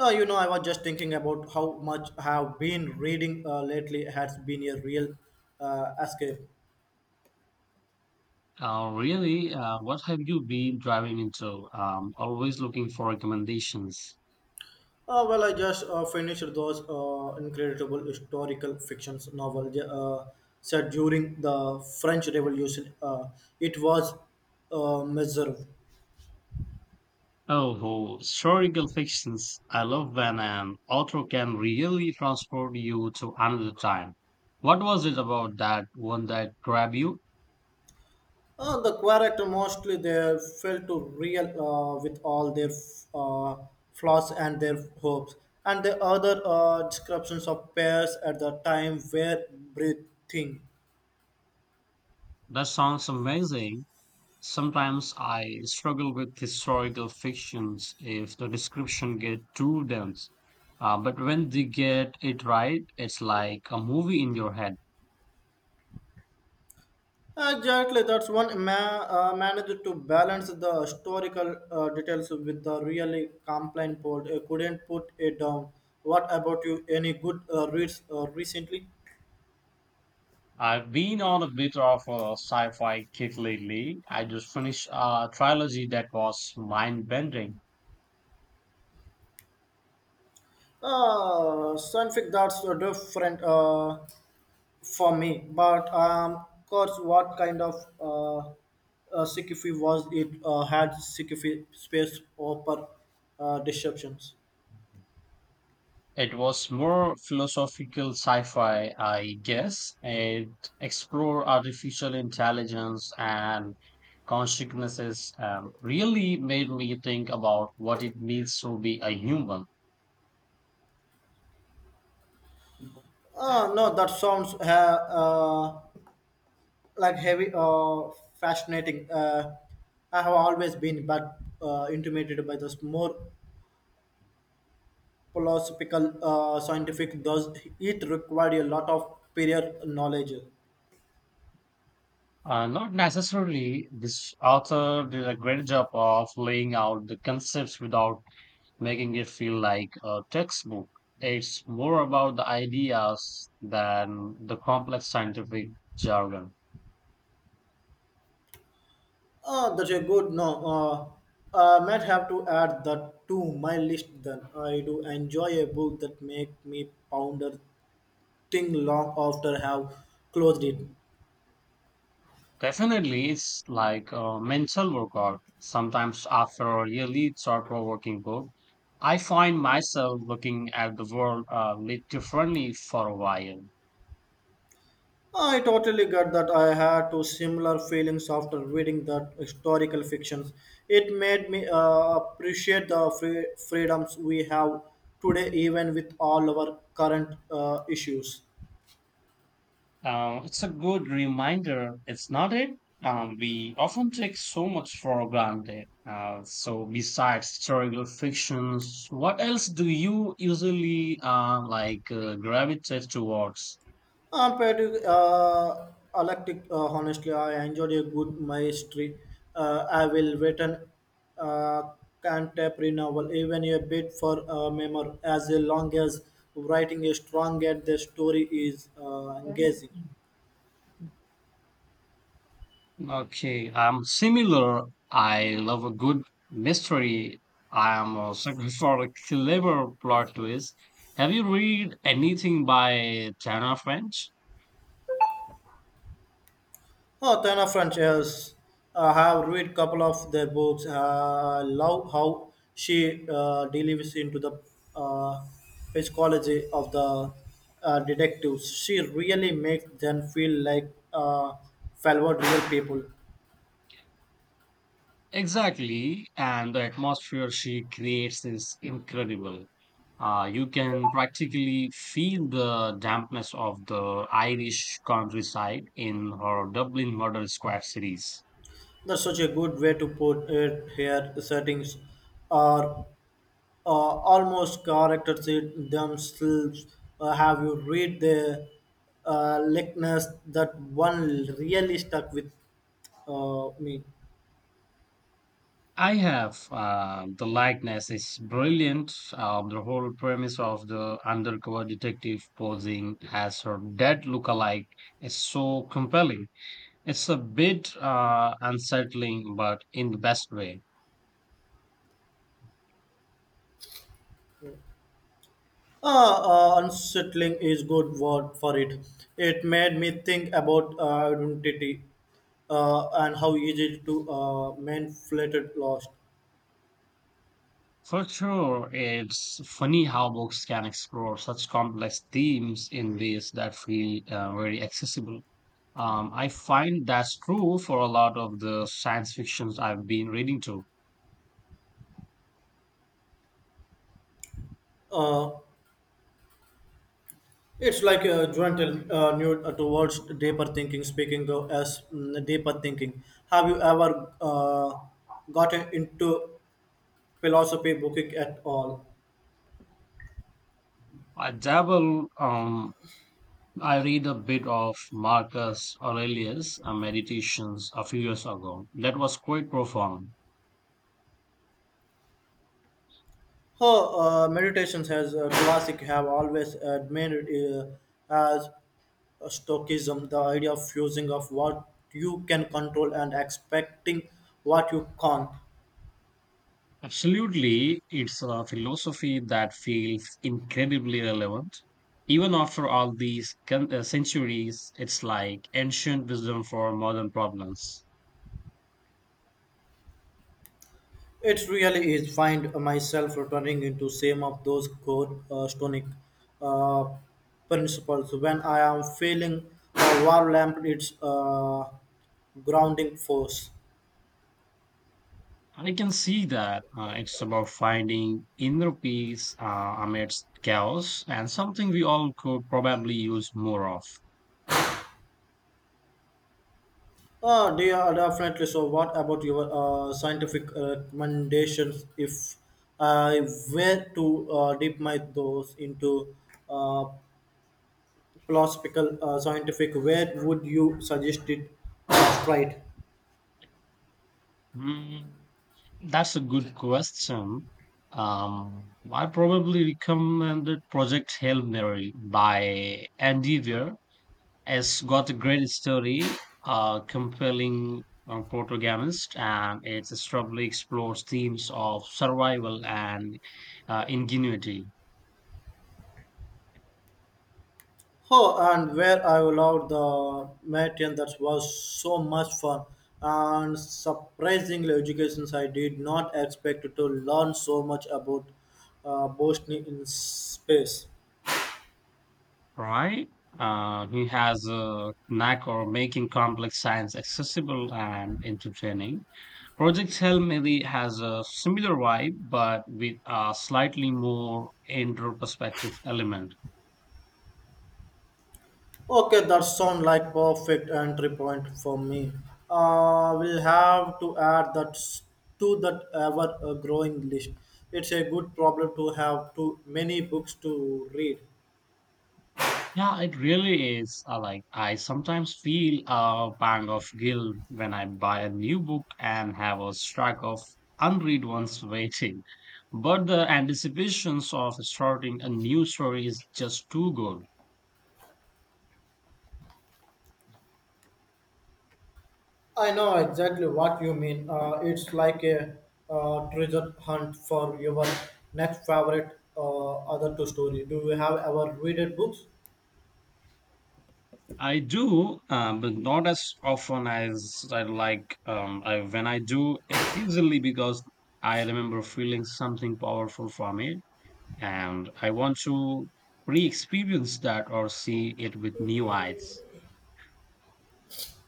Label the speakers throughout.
Speaker 1: I was just thinking about how much I have been reading lately. It has been a real escape.
Speaker 2: Really, what have you been driving into? Always looking for recommendations.
Speaker 1: I just finished those incredible historical fictions novel set during the French Revolution. It was miserable.
Speaker 2: Oh, oh, historical fictions. I love when an author can really transport you to another time. What was it about that one that grabbed you?
Speaker 1: The character mostly they failed to real with all their uh, flaws and their hopes, and the other descriptions of pairs at the time were breathing.
Speaker 2: That sounds amazing. Sometimes I struggle with historical fictions if the description get too dense. But when they get it right, it's like a movie in your head.
Speaker 1: Exactly, managed to balance the historical details with the really complaint plot. I couldn't put it down. What about you? Any good reads recently?
Speaker 2: I've been on a bit of a sci-fi kick lately. I just finished a trilogy that was mind-bending.
Speaker 1: Fanfic that's a different. For me. But of course, what kind of uh, CQF was it? Had CQF space opera disruptions?
Speaker 2: It was more philosophical sci-fi, I guess. It explored artificial intelligence and consciousness. Really made me think about what it means to be a human.
Speaker 1: No, that sounds like heavy fascinating. I have always been but intimidated by this more philosophical scientific. Does it required a lot of prior knowledge?
Speaker 2: Not necessarily. This author did a great job of laying out the concepts without making it feel like a textbook. It's more about the ideas than the complex scientific jargon.
Speaker 1: Oh, that's a good no. I might have to add that to my list then. I do enjoy a book that make me ponder thing long after have closed it.
Speaker 2: Definitely, it's like a mental workout. Sometimes, after a really thought provoking book, I find myself looking at the world a little differently for a while.
Speaker 1: I totally get that I had two similar feelings after reading that historical fictions. It made me appreciate the freedoms we have today even with all our current issues.
Speaker 2: It's a good reminder, it's not it? We often take so much for granted. So, besides historical fictions, what else do you usually like gravitate towards?
Speaker 1: I'm pretty eclectic, honestly. I enjoyed a good mystery. I will written uh, contemporary novel, even a bit for a memoir, as long as writing is strong and the story is engaging.
Speaker 2: Okay, I'm similar. I love a good mystery. I am a sucker for a clever plot twist. Have you read anything by Tana French?
Speaker 1: Oh, ton of French. Yes, I have read couple of their books. I love how she delves into the uh, psychology of the detectives. She really makes them feel like fellow real people.
Speaker 2: Exactly, and the atmosphere she creates is incredible. You can practically feel the dampness of the Irish countryside in her Dublin Murder Squad series.
Speaker 1: That's such a good way to put it here. Settings are almost characters it themselves. Have you read the likeness that one really stuck with me?
Speaker 2: I have, the likeness is brilliant. The whole premise of the undercover detective posing as her dead lookalike is so compelling. It's a bit unsettling, but in the best way.
Speaker 1: Uh, Unsettling is good word for it. It made me think about identity and how easy to man flattered lost.
Speaker 2: For sure, it's funny how books can explore such complex themes in ways that feel very accessible. I find that's true for a lot of the science fictions I've been reading too.
Speaker 1: Uh, It's like a gentle new towards deeper thinking. Speaking though as deeper thinking, have you ever gotten into philosophy booking at all?
Speaker 2: I dabble. I read a bit of Marcus Aurelius' Meditations a few years ago. That was quite profound.
Speaker 1: Her meditations has a classic have always admired as Stoicism, the idea of fusing of what you can control and expecting what you can't.
Speaker 2: Absolutely, it's a philosophy that feels incredibly relevant. Even after all these centuries, it's like ancient wisdom for modern problems.
Speaker 1: It really is. Find myself returning into same of those core stonic uh, principles. When I am feeling a war lamp, it's grounding force.
Speaker 2: I can see that, it's about finding inner peace amidst chaos and something we all could probably use more of.
Speaker 1: Oh, they are definitely. So, what about your scientific recommendations? If I were to dip my toes into uh, philosophical scientific, where would you suggest it? Right.
Speaker 2: Mm, that's a good question. I probably recommended Project Hail Mary by Andy Weir. It's got a great story, a compelling protagonist, and it strongly explores themes of survival and ingenuity.
Speaker 1: Oh, and where I loved the material that was so much fun and surprisingly education I did not expect to learn so much about Bosnia in space.
Speaker 2: Right? He has a knack for making complex science accessible and entertaining. Project Hail Mary has a similar vibe, but with a slightly more introspective element.
Speaker 1: Okay, that sounds like perfect entry point for me. We'll have to add to that ever growing list. It's a good problem to have too many books to read.
Speaker 2: Yeah, it really is. Like I sometimes feel a pang of guilt when I buy a new book and have a stack of unread ones waiting. But the anticipations of starting a new story is just too good.
Speaker 1: I know exactly what you mean. It's like a treasure hunt for your next favorite other two story. Do you have ever read it books?
Speaker 2: I do, but not as often as I like. When I do, it's usually because I remember feeling something powerful from it and I want to re experience that or see it with new eyes.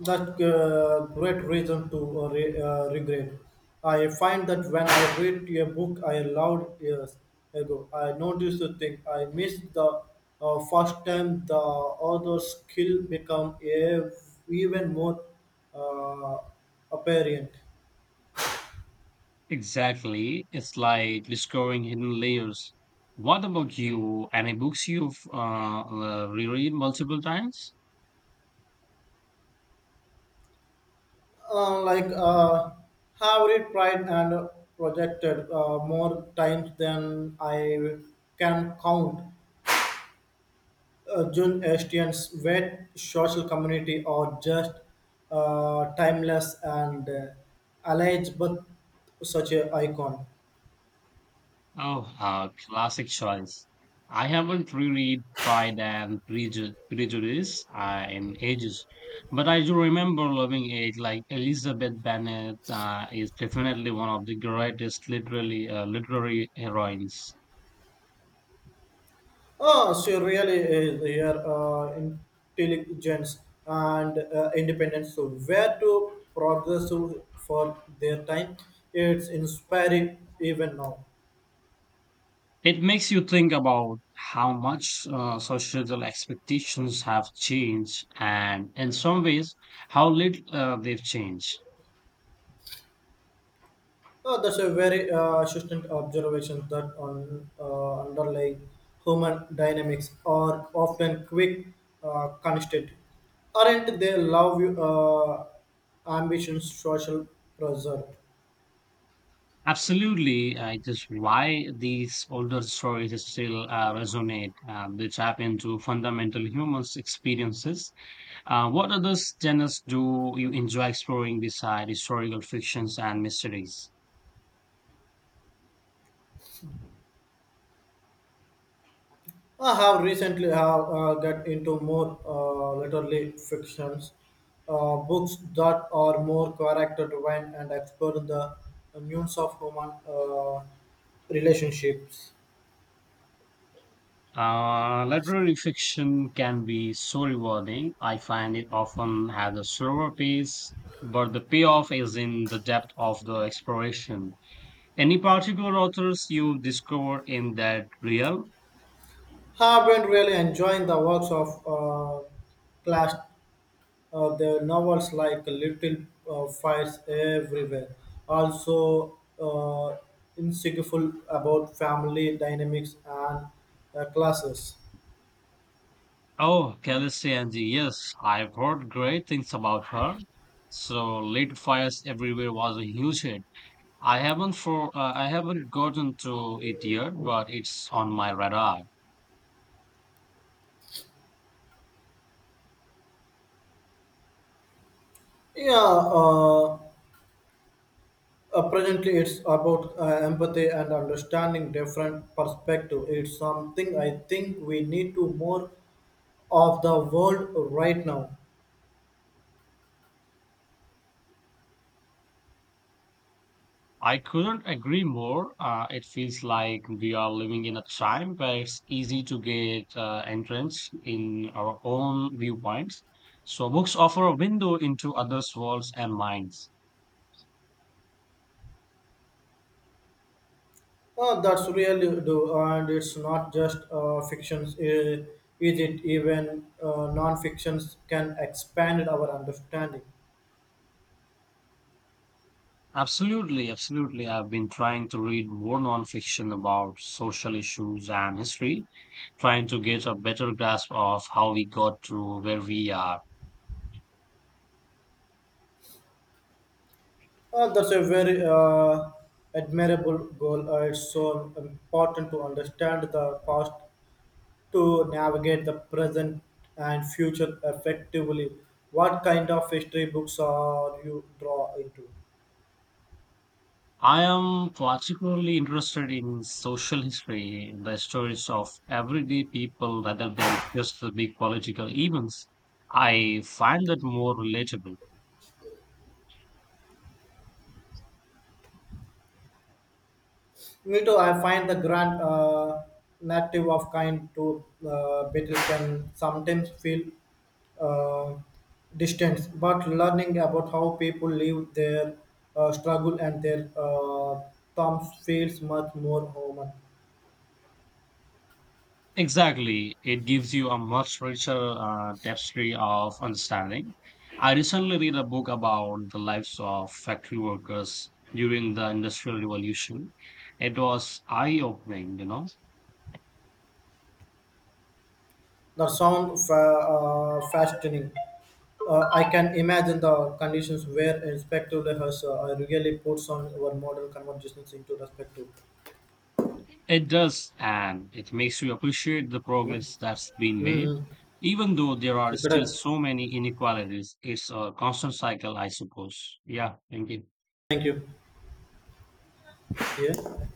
Speaker 1: That's great reason to regret. I find that when I read a book I loved years ago, I notice the thing I missed the first time. The author skill become even more uh, apparent.
Speaker 2: Exactly. It's like discovering hidden layers. What about you? Any books you've reread multiple times?
Speaker 1: uh, like uh, have read tried and projected more times than I can count. June Estian's wet social community are just timeless and alleged but such an icon.
Speaker 2: Oh, classic choice. I haven't reread Prejudice in ages, but I do remember loving it. Like Elizabeth Bennet is definitely one of the greatest literary heroines.
Speaker 1: Oh, she really is here intelligence and independence. So where to progress for their time? It's inspiring even now.
Speaker 2: It makes you think about how much societal expectations have changed, and in some ways, how little they've changed.
Speaker 1: Oh, that's a very assistant observation that on underlying human dynamics are often quick constant. Aren't they love you, ambitions social pressure?
Speaker 2: Absolutely, I just why these older stories still resonate. They tap into fundamental human experiences. What other genres do you enjoy exploring beside historical fictions and mysteries?
Speaker 1: I have recently have get into more literary fictions, books that are more character driven and explore the nuance of human relationships.
Speaker 2: Literary fiction can be so rewarding. I find it often has a slower pace, but the payoff is in the depth of the exploration. Any particular authors you discover in that realm?
Speaker 1: I've been really enjoying the works of class, the novels like Little Fires Everywhere. Also, insightful about family dynamics and classes.
Speaker 2: Oh, Khaleesi Angie, yes, I've heard great things about her. So Lit Fires Everywhere was a huge hit. I haven't gotten to it yet, but it's on my radar.
Speaker 1: Yeah, presently it's about empathy and understanding different perspective. It's something I think we need to more of the world right now.
Speaker 2: I couldn't agree more. It feels like we are living in a time where it's easy to get entrance in our own viewpoints. So books offer a window into others' worlds and minds.
Speaker 1: Oh, that's really do, and it's not just fictions, is it? Even non-fictions can expand our understanding.
Speaker 2: Absolutely, absolutely. I've been trying to read more nonfiction about social issues and history, trying to get a better grasp of how we got to where we are.
Speaker 1: That's a very admirable goal. It's so important to understand the past to navigate the present and future effectively. What kind of history books are you draw into?
Speaker 2: I am particularly interested in social history, the stories of everyday people rather than just the big political events. I find that more relatable.
Speaker 1: Me too. I find the grand narrative of kind to battle can sometimes feel uh, distant, but learning about how people live their struggle and their terms feels much more human.
Speaker 2: Exactly. It gives you a much richer tapestry of understanding. I recently read a book about the lives of factory workers during the Industrial Revolution. It was eye-opening, you know.
Speaker 1: The sound fa- fascinating. I can imagine the conditions where Inspector has really puts on our modern conversations into perspective.
Speaker 2: It does, and it makes you appreciate the
Speaker 1: No?
Speaker 2: progress that's been made.
Speaker 1: Mm-hmm.
Speaker 2: Even though there are still so many inequalities, it's a constant cycle, I suppose. Yeah, thank you.
Speaker 1: Thank you. Yeah.